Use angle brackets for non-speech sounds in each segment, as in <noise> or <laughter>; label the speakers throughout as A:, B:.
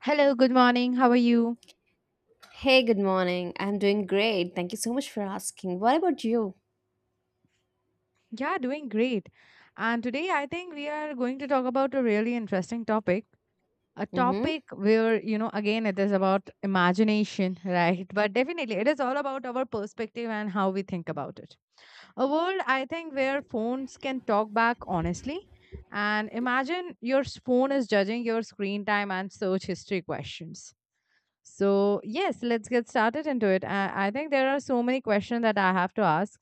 A: Hello, good morning. How are you?
B: Hey, good morning. I'm doing great. Thank you so much for asking. What about you?
A: Yeah, doing great. And today I think we are going to talk about a really interesting topic. A
B: Hmm.
A: topic where, again, it is about imagination, <laughs> right? But definitely, it is all about our perspective and how we think about it. A world, I think, where phones can talk back honestly. And imagine your phone is judging your screen time and search history questions. So, yes, let's get started into it. I think there are so many questions that I have to ask,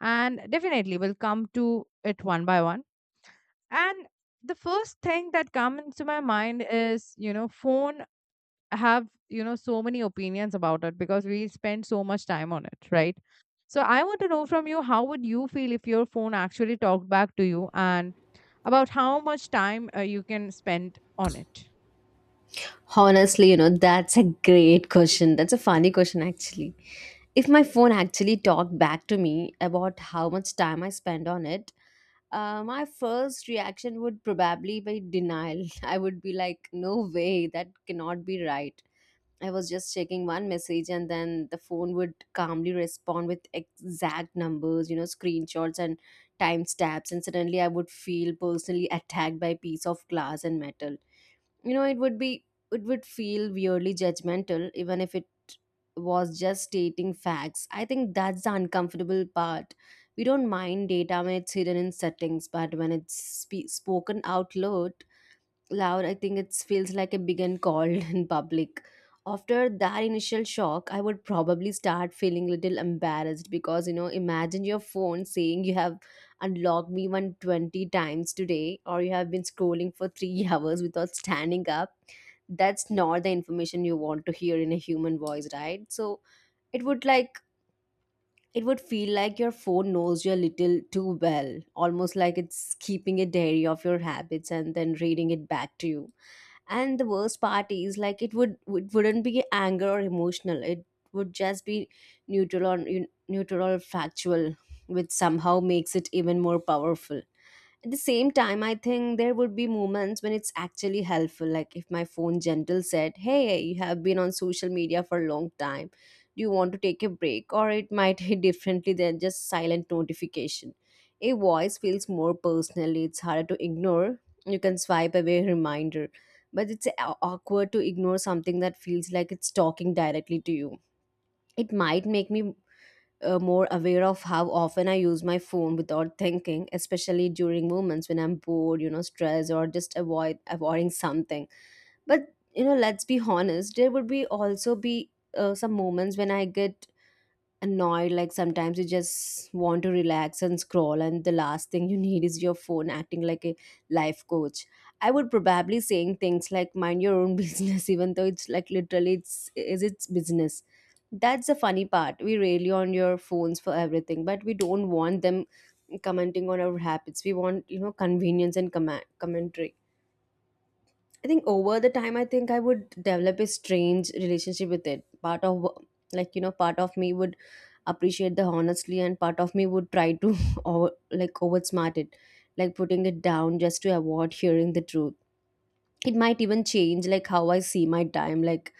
A: and definitely we'll come to it one by one, and the first thing that comes to my mind is, you know, phone have, you know, so many opinions about it because we spend so much time on it, right? So I want to know from you, how would you feel if your phone actually talked back to you and about how much time you can spend on it?
B: Honestly, you know, that's a great question. That's a funny question, actually. If my phone actually talked back to me about how much time I spend on it, my first reaction would probably be denial. <laughs> I would be like, no way, that cannot be right. I was just checking one message and then the phone would calmly respond with exact numbers, you know, screenshots and timestamps. And suddenly I would feel personally attacked by piece of glass and metal. You know, it would feel weirdly judgmental, even if it was just stating facts. I think that's the uncomfortable part. We don't mind data when it's hidden in settings, but when it's spoken out loud, I think it feels like a big and cold <laughs> in public. After that initial shock, I would probably start feeling little embarrassed because, you know, imagine your phone saying you have unlocked me 120 times today or you have been scrolling for 3 <laughs> hours without standing up. That's not the information you want to hear in a human voice, right? So it would like it would feel like your phone knows you a little too well, almost like it's keeping a diary of your habits and then reading it back to you. And the worst part is, like, it wouldn't be anger or emotional, it would just be neutral or neutral or factual, which somehow makes it even more powerful. At the same time, I think there would be moments when it's actually helpful. Like, if my phone gentle said, you have been on social media for a long time, do you want to take a break? Or it <laughs> might hit differently than just silent notification. A voice feels more personally, it's harder to ignore. You can swipe away a reminder, but it's awkward to ignore something that feels like it's talking directly to you. It might make me more aware of how often I use my phone without thinking, especially during moments when I'm bored, you know, stressed, or just avoiding something. But, you know, let's be honest, there would be also be some moments when I get annoyed. Like, sometimes you just want to relax and scroll, and the last thing you need is your phone acting like a life coach. I would probably saying things like, mind your own <laughs> business, even though it's like literally it's is its business. That's the funny part. We rely on your phones for everything, but we don't want them commenting on our habits. We want, you know, convenience and commentary. I think over the time, I think I would develop a strange relationship with it. Part of, like, you know, part of me would appreciate the honestly, and part of me would try to, <laughs> oversmart it, like putting it down just to avoid hearing the truth. It might even change, like, how I see my time. Like,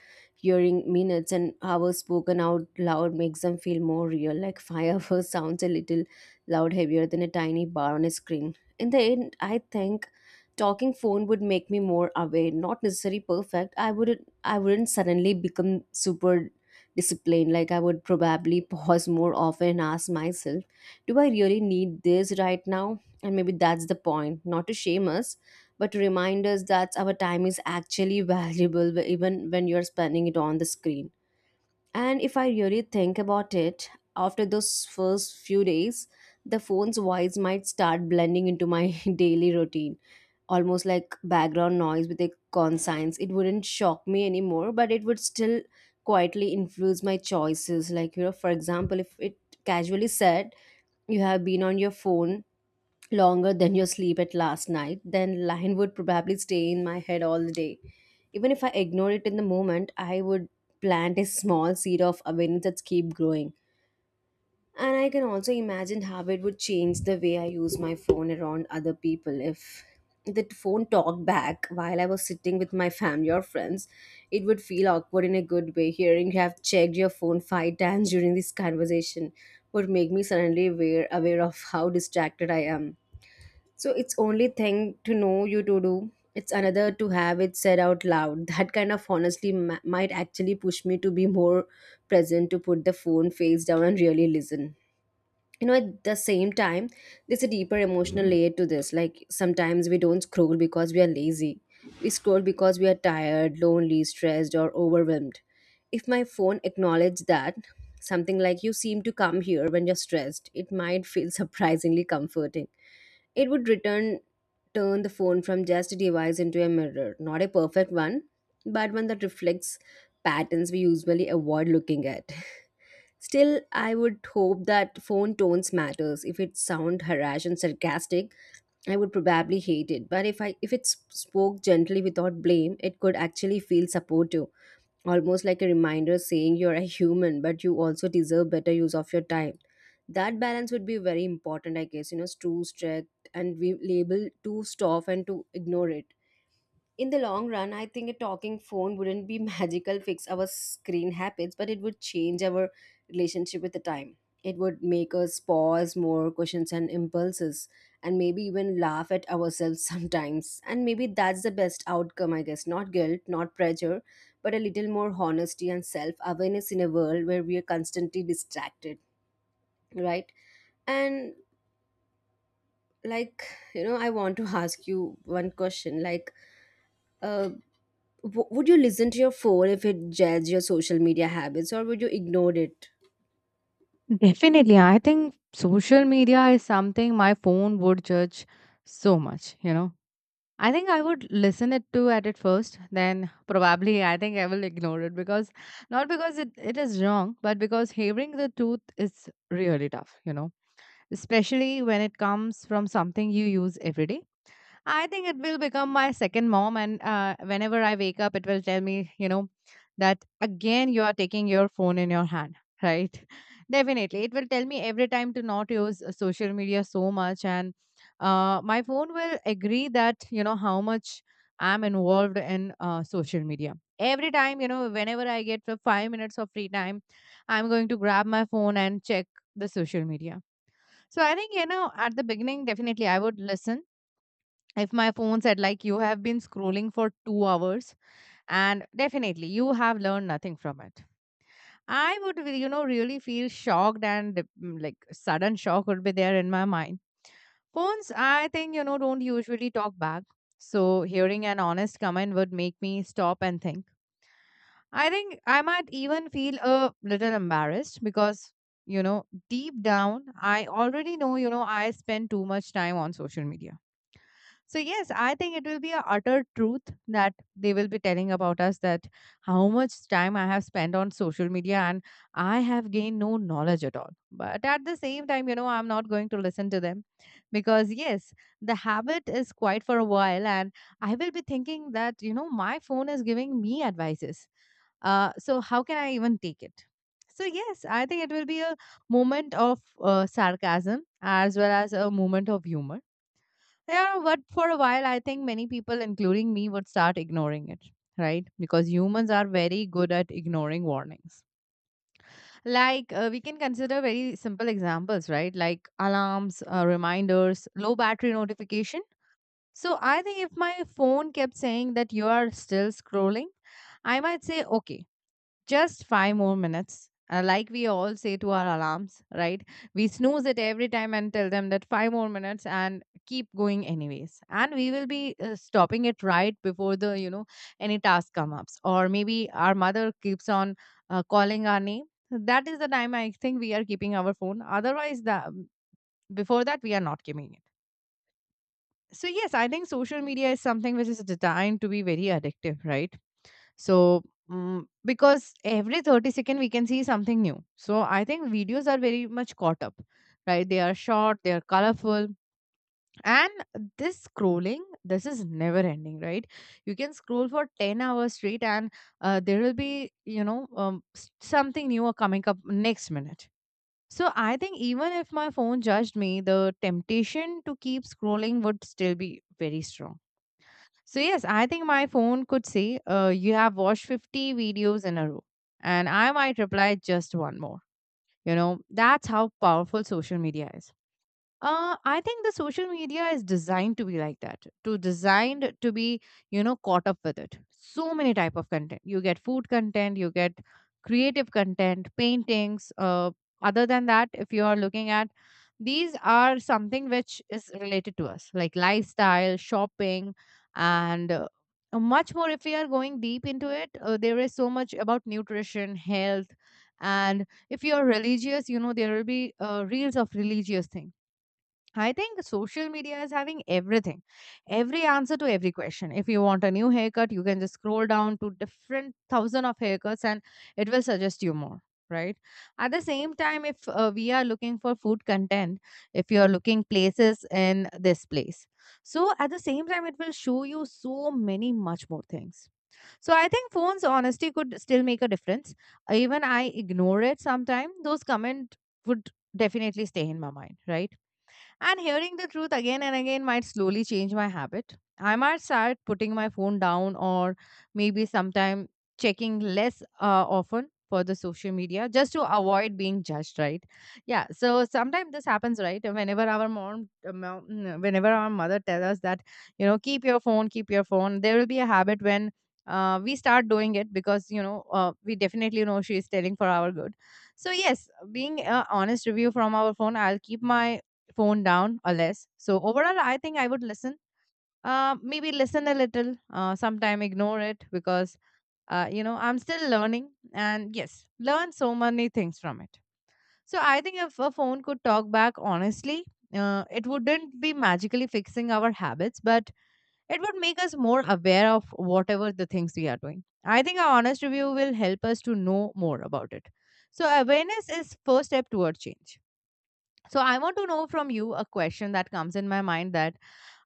B: hearing minutes and hours spoken out loud makes them feel more real. Like, <laughs> 5 hours sounds a little loud heavier than a tiny bar on a screen. In the end, I think talking phone would make me more aware, not necessarily perfect. I wouldn't suddenly become super disciplined. Like, I would probably <laughs> pause more often and ask myself, do I really need this right now? And maybe that's the point, not to shame us, but to remind us that our time is actually valuable, even when you're spending it on the screen. And if I really think about it, after those first few days, the phone's voice might start blending into my <laughs> daily routine, almost like background noise with a conscience. It wouldn't shock me anymore, but it would still quietly influence my choices. Like, you know, for example, if it casually said you have been on your phone longer than your sleep at last night, then line would probably stay in my head all the day. Even if I ignore it in the moment, I would plant a small seed of awareness that keep growing. And I can also imagine how it would change the way I use my phone around other people. If the phone talked back while I was sitting with my family or friends, it would feel awkward in a good way. Hearing you have checked your phone five times during this conversation would make me suddenly aware of how distracted I am. So it's only thing to know you to do. It's another to have it said out loud. <laughs> That kind of honestly might actually push me to be more present, to put the phone face down and really listen. You know, at the same time, there's a deeper emotional layer to this. Like, sometimes we don't scroll because we are lazy. We scroll because we are tired, lonely, stressed, or overwhelmed. If my phone acknowledged that, something like you seem to come here when you're stressed, it might feel <laughs> surprisingly comforting. It would return turn the phone from just a device into a mirror, not a perfect one, but one that reflects patterns we usually avoid looking at. <laughs> Still, I would hope that phone tones matters. If it sound harsh and sarcastic, I would probably hate it. But if it spoke gently without blame, it could actually feel supportive, almost like a reminder saying you're a human, but you also deserve better use of your time. That balance would be very important, I guess. You know, it's too strict and we label too tough and to ignore it. In the long run, I think a talking phone wouldn't be <laughs> magical fix our screen habits, but it would change our relationship with the time. It would make us pause more questions and impulses, and maybe even laugh at ourselves <laughs> sometimes. And maybe that's the best outcome, I guess. Not guilt, not pressure, but a little more honesty and self awareness in a world where we are constantly distracted, right? And, like, you know, I want to <laughs> ask you one question, like, uh, would you listen to your phone if it judged your social media habits, or would you ignore it?
A: Definitely. I think social media is something my phone would judge so much, you know. I think I would listen it to at it first, then probably I think I will ignore it because not because it is wrong, but because hearing the truth is really tough, you know. Especially when it comes from something you use every day. I think it will become my second mom. And whenever I wake up, it will tell me, you know, that again you are taking your phone in your hand, right? <laughs> Definitely. It will tell me every time to not use social media so much. And my phone will agree that, you know, how much I'm involved in social media. Every time, you know, whenever I get the 5 minutes of free time, I'm going to grab my phone and check the social media. So I think, you know, at the beginning, definitely I would listen if my phone said like you have been scrolling for 2 hours and definitely you have learned nothing from it. I would, you know, really feel shocked and like sudden shock would be there in my mind. Phones, I think, you know, don't usually talk back. So hearing an honest comment would make me stop and think. I think I might even feel a little embarrassed because, you know, deep down, I already know, you know, I spend too much time on social media. So, yes, I think it will be a utter truth that they will be telling about us, that how much time I have spent on social media and I have gained no knowledge at all. But at the same time, you know, I'm not going to listen to them because, yes, the habit is quite for a while. And I will be thinking that, you know, my phone is giving me advices. So, how can I even take it? So, yes, I think it will be a moment of sarcasm as well as a moment of humor. Yeah, but for a while, I think many people, including me, would start ignoring it, right? Because humans are very good at ignoring warnings. Like, we can consider very simple examples, right? Like alarms, reminders, low battery notification. So, I think if my phone kept saying that you are still scrolling, I might say, okay, just five more minutes. Like we all say to our alarms, right? We snooze it every time and tell them that five more minutes and keep going anyways. And we will be stopping it right before the, you know, any task come ups. Or maybe our mother keeps on calling our name. That is the time I think we are keeping our phone. Otherwise, before that, we are not keeping it. So, yes, I think social media is something which is designed to be very addictive, right? So, because every 30 second we can see something new. So, I think videos are very much caught up, right? They are short, they are colorful. And this scrolling, this is never ending, right? You can scroll for 10 hours straight and there will be, something new are coming up next minute. So, I think even if my phone judged me, the temptation to keep scrolling would still be very strong. So yes, I think my phone could say, "You have watched 50 videos in a row," and I might reply, "Just one more." You know, that's how powerful social media is. I think the social media is designed to be like that, to designed to be, you know, caught up with it. So many type of content. You get food content, you get creative content, paintings. Other than that, if you are looking at these are something which is related to us, like lifestyle, shopping, and much more. If we are going deep into it, there is so much about nutrition, health, and if you are religious, you know, there will be reels of religious things. I think social media is having everything, every answer to every question. If you want a new haircut, you can just scroll down to different thousand of haircuts and it will suggest you more, right? At the same time, if we are looking for food content, if you are looking places in this place, so at the same time, it will show you so many much more things. So I think phones honesty could still make a difference. Even I ignore it sometime. Those comment would definitely stay in my mind, right? And hearing the truth again and again might slowly change my habit. I might start putting my phone down or maybe sometime checking less often for the social media just to avoid being judged, right? Yeah, so sometimes this happens, right? Whenever our mom whenever our mother tells us that, you know, keep your phone, there will be a habit when we start doing it because, you know, we definitely know she is telling for our good. So yes, being honest review from our phone, I'll keep my phone down or less. So overall, I think I would listen. Maybe listen a little, sometime ignore it because you know I'm still learning, and yes, learn so many things from it. So I think if a phone could talk back honestly, it wouldn't be magically fixing our habits, but it would make us more aware of whatever the things we are doing. I think our honest review will help us to know more about it. So awareness is first step toward change. So I want to know from you a question that comes in my mind, that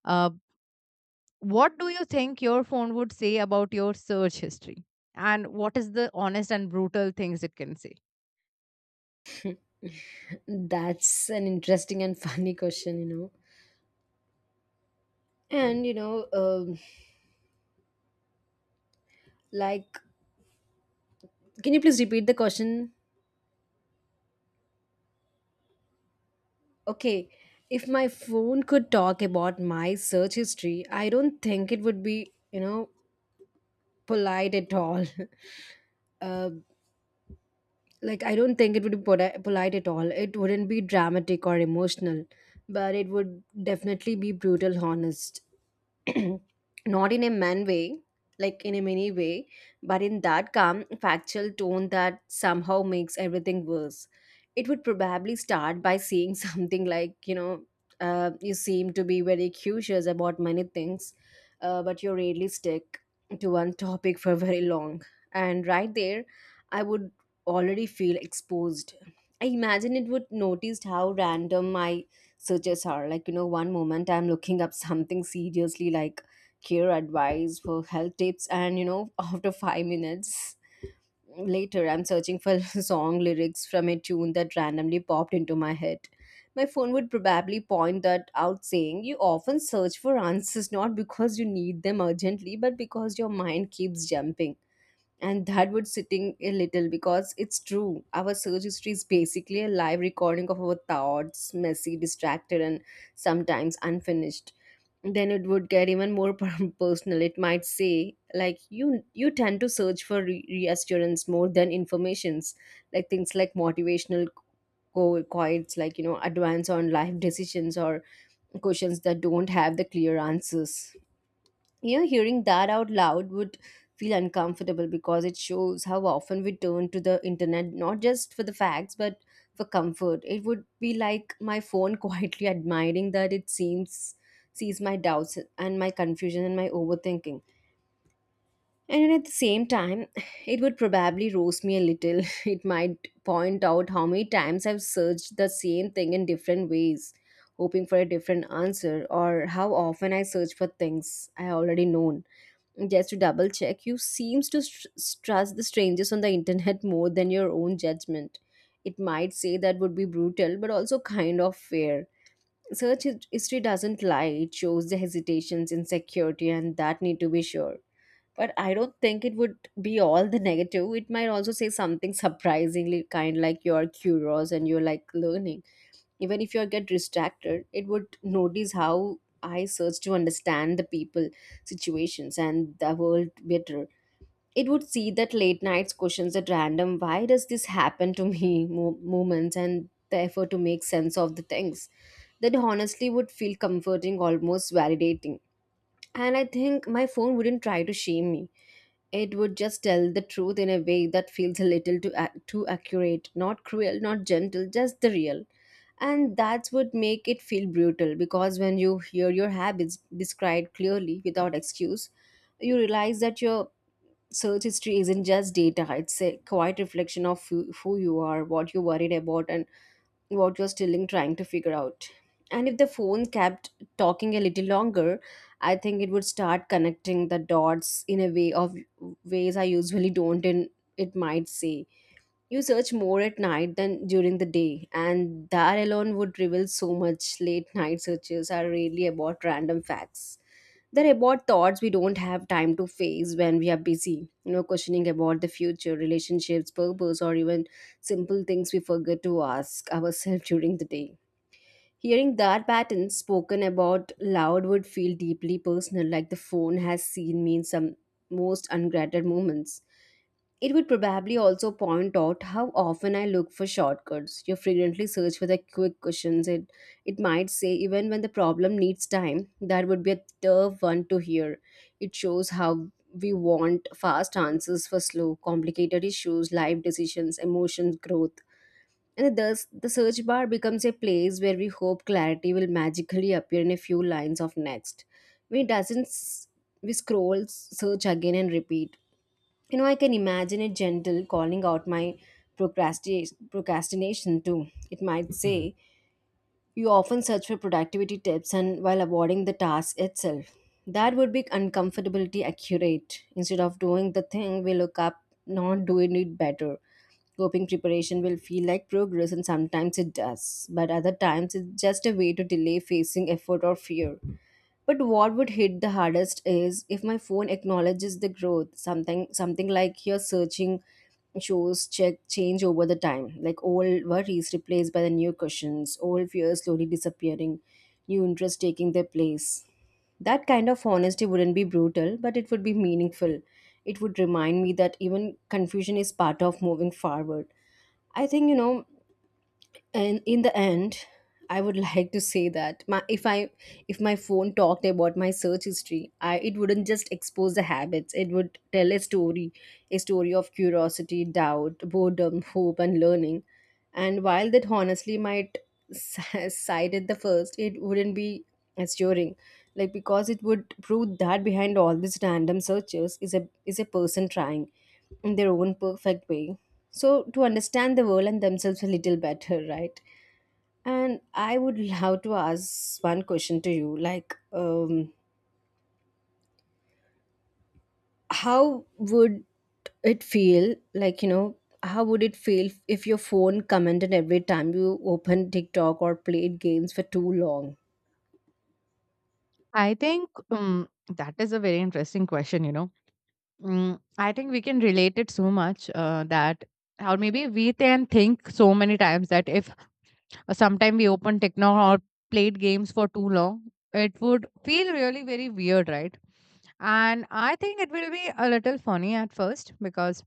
A: uh, what do you think your phone would say about your search history? And what is the honest and brutal things it can say?
B: That's an interesting and <laughs> funny question, you know. And, you know, like, can you please repeat the question? Okay, if my phone could talk about my search history, I don't think it would be, you know, polite at all. <laughs> uh, like, I don't think it would be polite at all. It wouldn't be dramatic or emotional, but it would definitely be brutal, honest. <clears throat> Not in a many way, but in that calm factual tone that somehow makes everything worse. It would probably start by saying <laughs> something like, you know, you seem to be very curious about many things, but you rarely stick to one topic for <laughs> very long. And right there, I would already feel exposed. I imagine it would notice how random my searches are. Like, you know, one moment I'm looking up something seriously, like care advice for health tips, and you know, <laughs> after 5 minutes later I'm searching for <laughs> song lyrics from a tune that randomly popped into my head. My phone would probably point that out saying you often search for answers not because you need them urgently, but because your mind keeps jumping. And that would sitting a little because it's true our search history is basically a live recording of our thoughts, messy, distracted, and sometimes unfinished. Then it would get even more <laughs> personal. It might say, like, you tend to search for reassurance more than informations, like things like motivational quotes, like, you know, advance on life decisions or questions that don't have the clear answers. You know, hearing that out loud would feel uncomfortable because it shows how often we turn to the internet, not just for the facts but for comfort. It would be like my phone <laughs> quietly admiring that it seems sees my doubts and my confusion and my overthinking. And then at the same time <sighs> it would probably roast me a little. <laughs> It might point out how many times I've searched the same thing in different ways hoping for a different answer, or how often I search for things I already known, just to double check. You seems to str trust the strangers on the internet <laughs> more than your own judgment. It might say that would be brutal, but also kind of fair. Search history doesn't lie. It shows the hesitations, insecurity, and that need to be sure. But I don't think it would be all the negative. It might also say something surprisingly kind, like you're curious and you're like learning, even if you get distracted. It would notice how I search to understand the people, situations, and the world better. It would see that late nights questions at random, why does this happen to me <laughs> moments, and the effort to make sense of the things. That honestly would feel comforting, almost validating. And I think my phone wouldn't try to shame me. It would just tell the truth in a way that feels a little too, too accurate, not cruel, not gentle, just the real. And that's would make it feel brutal, because when you hear your habits described clearly without excuse, you realize that your search history isn't just data, it's a quiet reflection of who you are, what you're worried about, and what you're still in trying to figure out. And if the phone kept talking a little longer, I think it would start connecting the dots in a way of ways I usually don't. And it might say, you search more at night than during the day, and that alone would reveal so much. Late night searches are really about random facts. They're about thoughts we don't have time to face when we are busy, you know, questioning about the future, relationships, purpose, or even simple things we forget to ask ourselves <laughs> during the day. Hearing that pattern spoken about loud would feel deeply personal, like the phone has seen me in some most ungrateful moments. It would probably also point out how often I look for shortcuts. You frequently search for the quick cushions. It might say, even when the problem needs time, that would be a tough one to hear. It shows how we want fast answers for slow, complicated issues, life decisions, emotions, growth. And thus, the search bar becomes a place where we hope clarity will magically appear in a few lines of next. When it doesn't, we scroll, search again, and repeat. You know, I can imagine a gentle calling out my procrastination too. It might say, you often search for productivity tips and while avoiding the task itself. That would be uncomfortability accurate. Instead of doing the thing, we look up not doing it better. Coping preparation will feel like progress, and sometimes it does, but other times it's just a way to delay facing effort or fear. But what would hit the hardest is if my phone acknowledges the growth, something like your searching shows check change over the time, like old worries replaced by the new questions, old fears slowly disappearing, new interests taking their place. That kind of honesty wouldn't be brutal, but it would be meaningful. It would remind me that even confusion is part of moving forward. I think, you know, and in the end, I would <laughs> like to say that my if I if my phone talked about my search history I it wouldn't just expose the habits, it would tell a story, a story of curiosity, doubt, boredom, hope, and learning. And while that honestly might <laughs> side at the first, it wouldn't be assuring, like, because it would prove that behind all these random searches is a person trying in their own perfect way so to understand the world and themselves a little better, right? And I would love to ask one question to you, like, how would it feel like, you know, how would it feel if your phone commented every time you opened TikTok or played games for too long?
A: I think that is a very interesting question, you know. I think we can relate it so much or maybe we can think so many times that if sometimes we opened techno or played games for too long. It would feel really very weird, right? And I think it will be a little funny at first because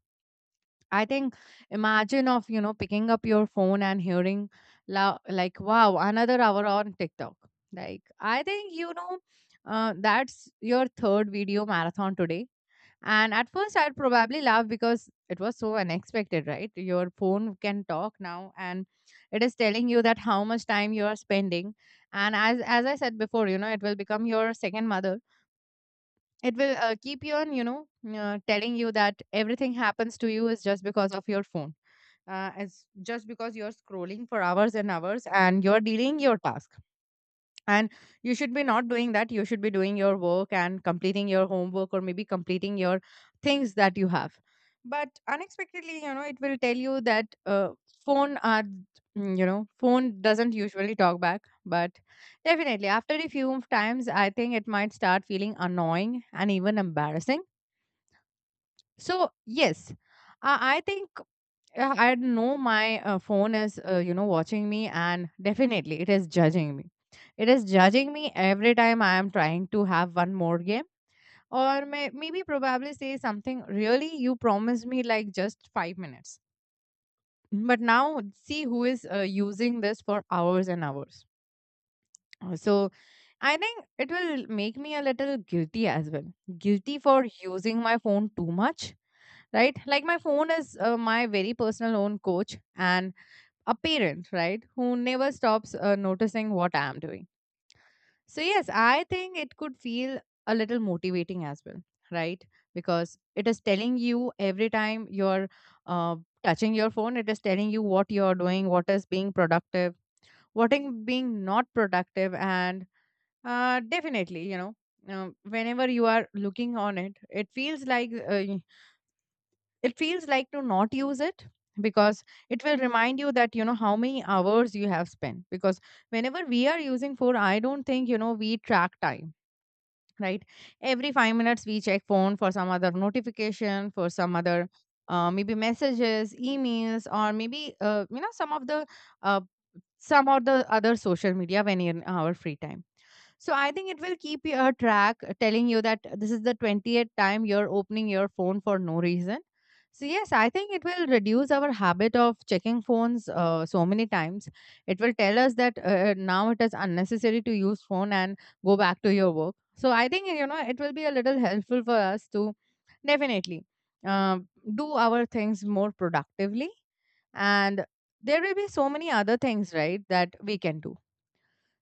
A: I think imagine of, you know, picking up your phone and hearing, like, wow, another hour on TikTok, like, I think, you know, that's your third video marathon today. And at first, I'd probably laugh because it was so unexpected, right? Your phone can talk now, and it is telling you that how much time you are spending. And as I said before, you know, it will become your second mother. It will keep you on, you know, telling you that everything happens to you is just because of your phone. It's just because you're scrolling for hours and hours, and you're delaying your task and you should be not doing that, you should be doing your work and completing your homework or maybe completing your things that you have. But unexpectedly, you know, it will tell you that phone are you know phone doesn't usually talk back but definitely after a few times I think it might start feeling annoying and even embarrassing. So yes, I think yeah, I know my phone is, you know, watching me, and definitely it is judging me. It is judging me every time I am trying to have one more game, or maybe probably say something. Really, you promised me like just 5 minutes, but now see who is using this for hours and hours. So, I think it will make me a little guilty as well. Guilty for using my phone too much, right? Like my phone is my very personal own coach, and a parent, right, who never stops noticing what I am doing. So, yes, I think it could feel a little motivating as well, right? Because it is telling you every time you're uh, touching your phone, it is telling you what you're doing, what is being productive, what is being not productive. And definitely, whenever you are looking on it, it feels like to not use it because it will remind you that you know how many hours you have spent because whenever we are using phone, I don't think we track time, right? Every 5 minutes we check phone for some other notification, for some other, maybe messages, emails, or maybe uh, some of the other social media when in our free time. So I think it will keep your track, telling you that this is the 20th time you're opening your phone for no reason. So yes, I think it will reduce our habit of checking phones so many times. It will tell us that now it is unnecessary to use phone and go back to your work. So I think you know it will be a little helpful for us to definitely uh, do our things more productively, and there will be so many other things, right, that we can do.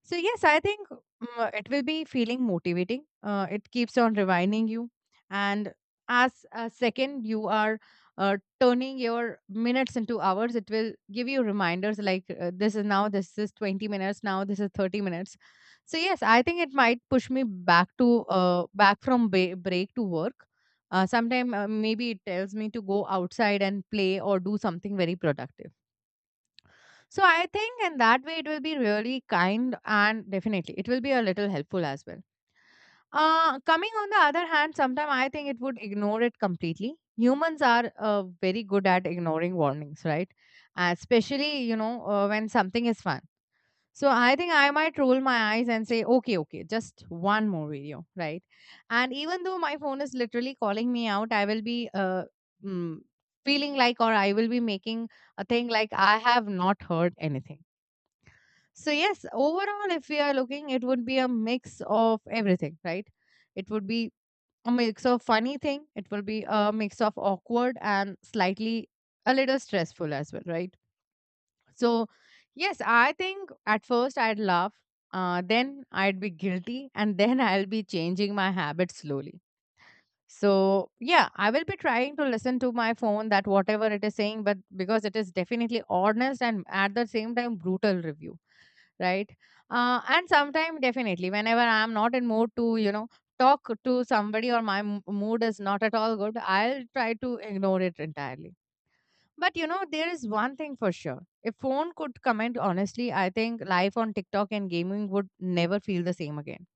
A: So yes, I think, it will be feeling motivating. It keeps on rewinding you, and as a second you are turning your minutes into hours, it will give you reminders like, this is now, this is 20 minutes now, this is 30 minutes. So yes, I think it might push me back to break to work. Sometime maybe it tells me to go outside and play or do something very productive. So I think in that way it will be really kind, and definitely it will be a little helpful as well. Coming on the other hand, sometimes I think it would ignore it completely. Humans are very good at ignoring warnings, right? Especially you know when something is fun. So I think I might roll my eyes and say, okay, okay, just one more video, right? And even though my phone is literally calling me out, I will be mm, feeling like, or I will be making a thing like I have not heard anything. So, yes, overall, if we are looking, it would be a mix of everything, right? It would be a mix of funny thing, it will be a mix of awkward and slightly a little stressful as well, right? So, yes, I think at first I'd laugh, then I'd be guilty, and <laughs> then I'll be changing my habits slowly. So, yeah, I will be trying to listen to my phone that whatever it is saying, but because it is definitely honest and at the same time brutal review, right? And sometimes definitely, whenever I'm not in mood to, you know, talk to somebody or my mood is not at all good, I'll try to ignore it entirely. But you know, there is one thing for sure. If phone could comment honestly, I think life on TikTok and gaming would never feel the same again.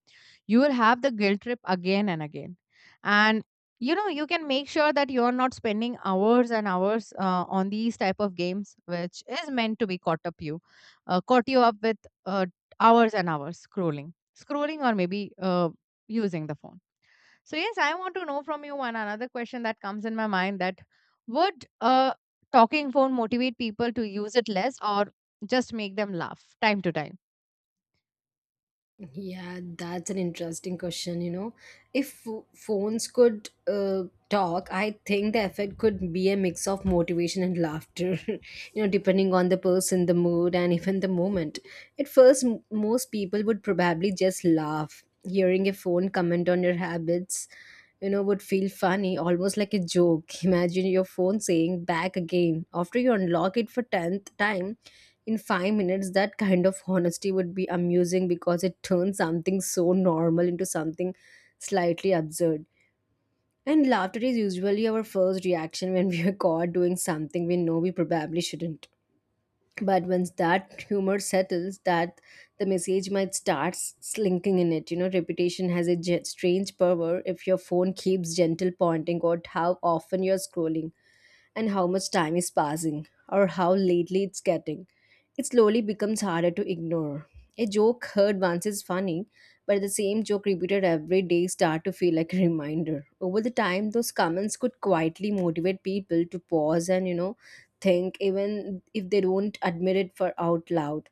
A: You will have the guilt trip again and again, and you know you can make sure that you're not spending hours and hours on these type of games which is meant to be caught you up with uh, hours and hours scrolling, scrolling, or maybe using the phone. So yes, I want to know from you one another question that comes in my mind, that would a talking phone motivate people to use it less or just make them laugh time to time?
B: Yeah, that's an interesting question, you know. If phones could talk, I think the effect could be a mix of motivation and laughter, <laughs> you know, depending on the person, the mood, and even the moment. At first, most people would probably just laugh. Hearing a phone comment on your habits, you know, would feel funny, almost like a joke. <laughs> Imagine your phone saying, back again. After you unlock it for 10th time, in 5 minutes, that kind of honesty would be amusing, because it turns something so normal into something slightly absurd. And laughter is usually our first reaction when we are <laughs> caught doing something we know we probably shouldn't. But once that humor settles, that the message might start slinking in. It, you know, reputation has a strange power. If your phone keeps gentle pointing out how often you're scrolling and how much time is passing or how lately it's getting, it slowly becomes harder to ignore. A joke heard once is funny, but the same joke repeated every day start to feel like a reminder. Over the time, those comments could quietly motivate people to pause and, you know, think, even if they don't admit it for out loud.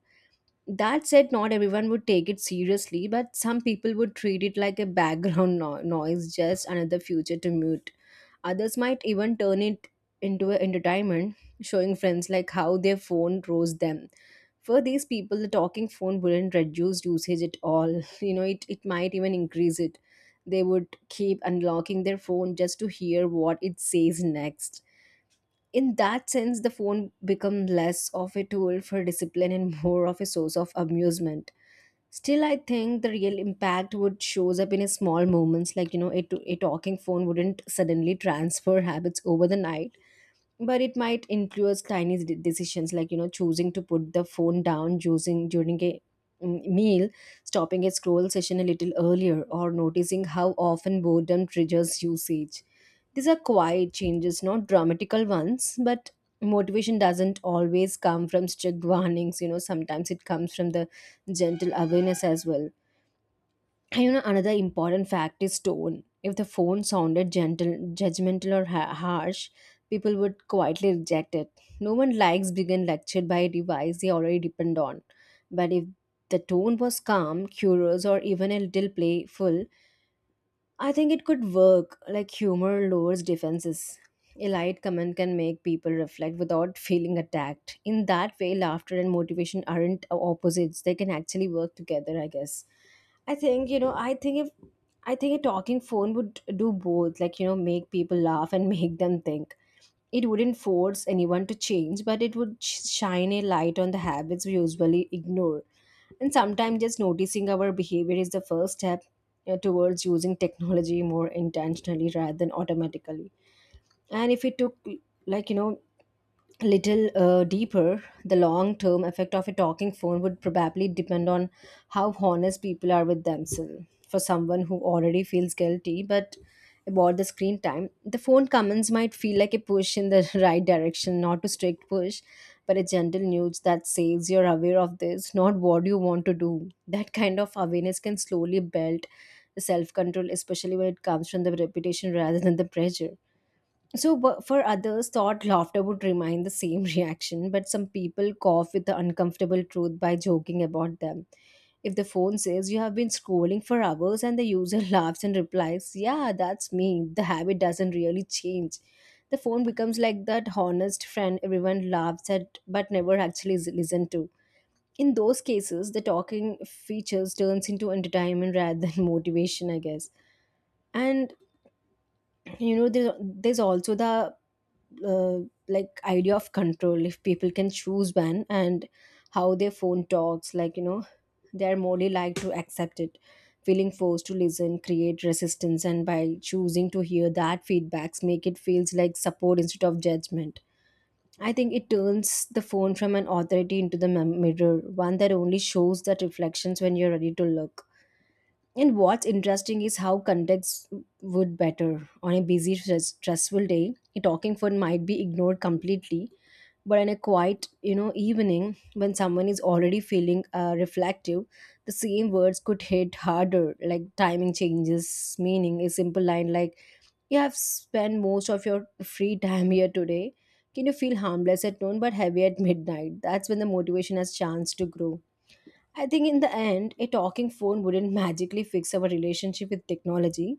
B: That said, not everyone would take it seriously, but some people would treat it like a background noise, just another future to mute. Others might even turn it into an entertainment, showing friends like how their phone rose them. For these people, the talking phone wouldn't reduce usage at all. <laughs> You know, it might even increase it. They would keep unlocking their phone just to hear what it says next. In that sense, the phone becomes less of a tool for discipline and more of a source of amusement. Still, I think the real impact would shows up in a small moments, like, you know, a talking phone wouldn't suddenly transfer habits over the night, but it might influence tiny decisions, like, you know, choosing to put the phone down using during a meal, stopping a scroll session a little earlier, or noticing how often boredom triggers usage. These are quiet changes, not dramatical ones, but motivation doesn't always come from strict warnings. You know, sometimes it comes from the gentle awareness as well. And, you know, another important fact is tone. If the phone sounded gentle, judgmental, or harsh, people would quietly reject it. No one likes being lectured by a device they already depend on. But if the tone was calm, curious, or even a little playful, I think it could work. Like humor lowers defenses. A light comment can make people reflect without <laughs> feeling attacked. In that way, laughter and motivation aren't opposites. They can actually work together, I guess. I think, you know, I think if I think a talking phone would do both, like, you know, make people laugh and <laughs> make them think. It wouldn't force anyone to change, but it would shine a light on the habits we usually ignore. And sometimes just noticing our behavior is the first step towards using technology more intentionally rather than automatically. And if we took, like, you know, little deeper, the long term effect of a talking phone would probably depend on how honest people are with themselves. For someone who already feels guilty, but about the screen time, the phone comments might feel like a push in the <laughs> right direction, not a strict push, but a gentle nudge that says you're aware of this, not what you want to do. That kind of awareness can slowly build self control, especially when it comes from the reputation rather than the pressure. So, but for others, thought laughter would remind the same <laughs> reaction, but some people cough with the uncomfortable truth by joking about them. If the phone says you have been scrolling for hours and the user <laughs> laughs and replies, yeah, that's me, the habit doesn't really change. The phone becomes like that honest friend everyone laughs at but never actually is listened to. In those cases, the talking features turns into entertainment rather than <laughs> motivation, I guess. And, you know, there's also the uh, like idea of control. If people can choose when and how their phone talks, like, you know, they're morely like to accept it. Feeling forced to listen create resistance, and by choosing to hear that feedbacks make it feels like support instead of judgment. I think it turns the phone from an authority into the mirror, one that only shows that reflections when you're ready to look. And what's interesting is how context would better. On a busy, stressful day, a talking phone might be ignored completely. But on a quiet, you know, evening, when someone is already feeling reflective, the same words could hit harder. Like timing changes meaning. A simple line like, "You have spent most of your free time here today. Can you feel harmless at noon but heavy at midnight?" That's when the motivation has chance to grow. I think in the end, a talking phone wouldn't magically fix our relationship with technology,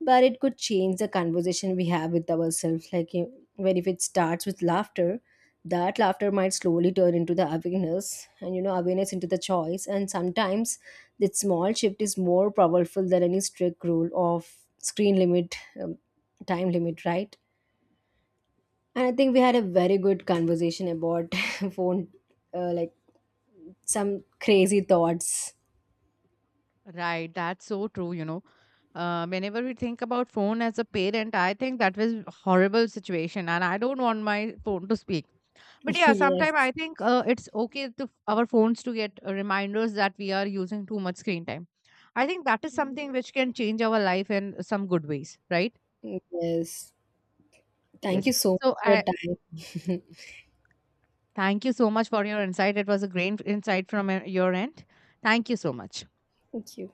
B: but it could change the conversation we have with ourselves. Like, where if it starts with laughter, that laughter might slowly turn into the awareness, and, you know, awareness into the choice. And sometimes that small shift is more powerful than any strict rule of screen limit, um, time limit, right? And I think we had a very good conversation about <laughs> phone, like some crazy thoughts.
A: Right, that's so true, you know. Uh, whenever we think about phone as a parent, I think that was horrible situation, and I don't want my phone to speak. But
B: <laughs>
A: yeah, sometimes
B: Yes.
A: I think it's okay to our phones to get reminders that we are using too much screen time. I think that is something which can change our life in some good ways, right?
B: Yes, thank you
A: Yes,
B: so much
A: so
B: for your
A: i
B: time.
A: thank you so much for your insight. It was a great insight from your end. Thank you so much.
B: Thank you.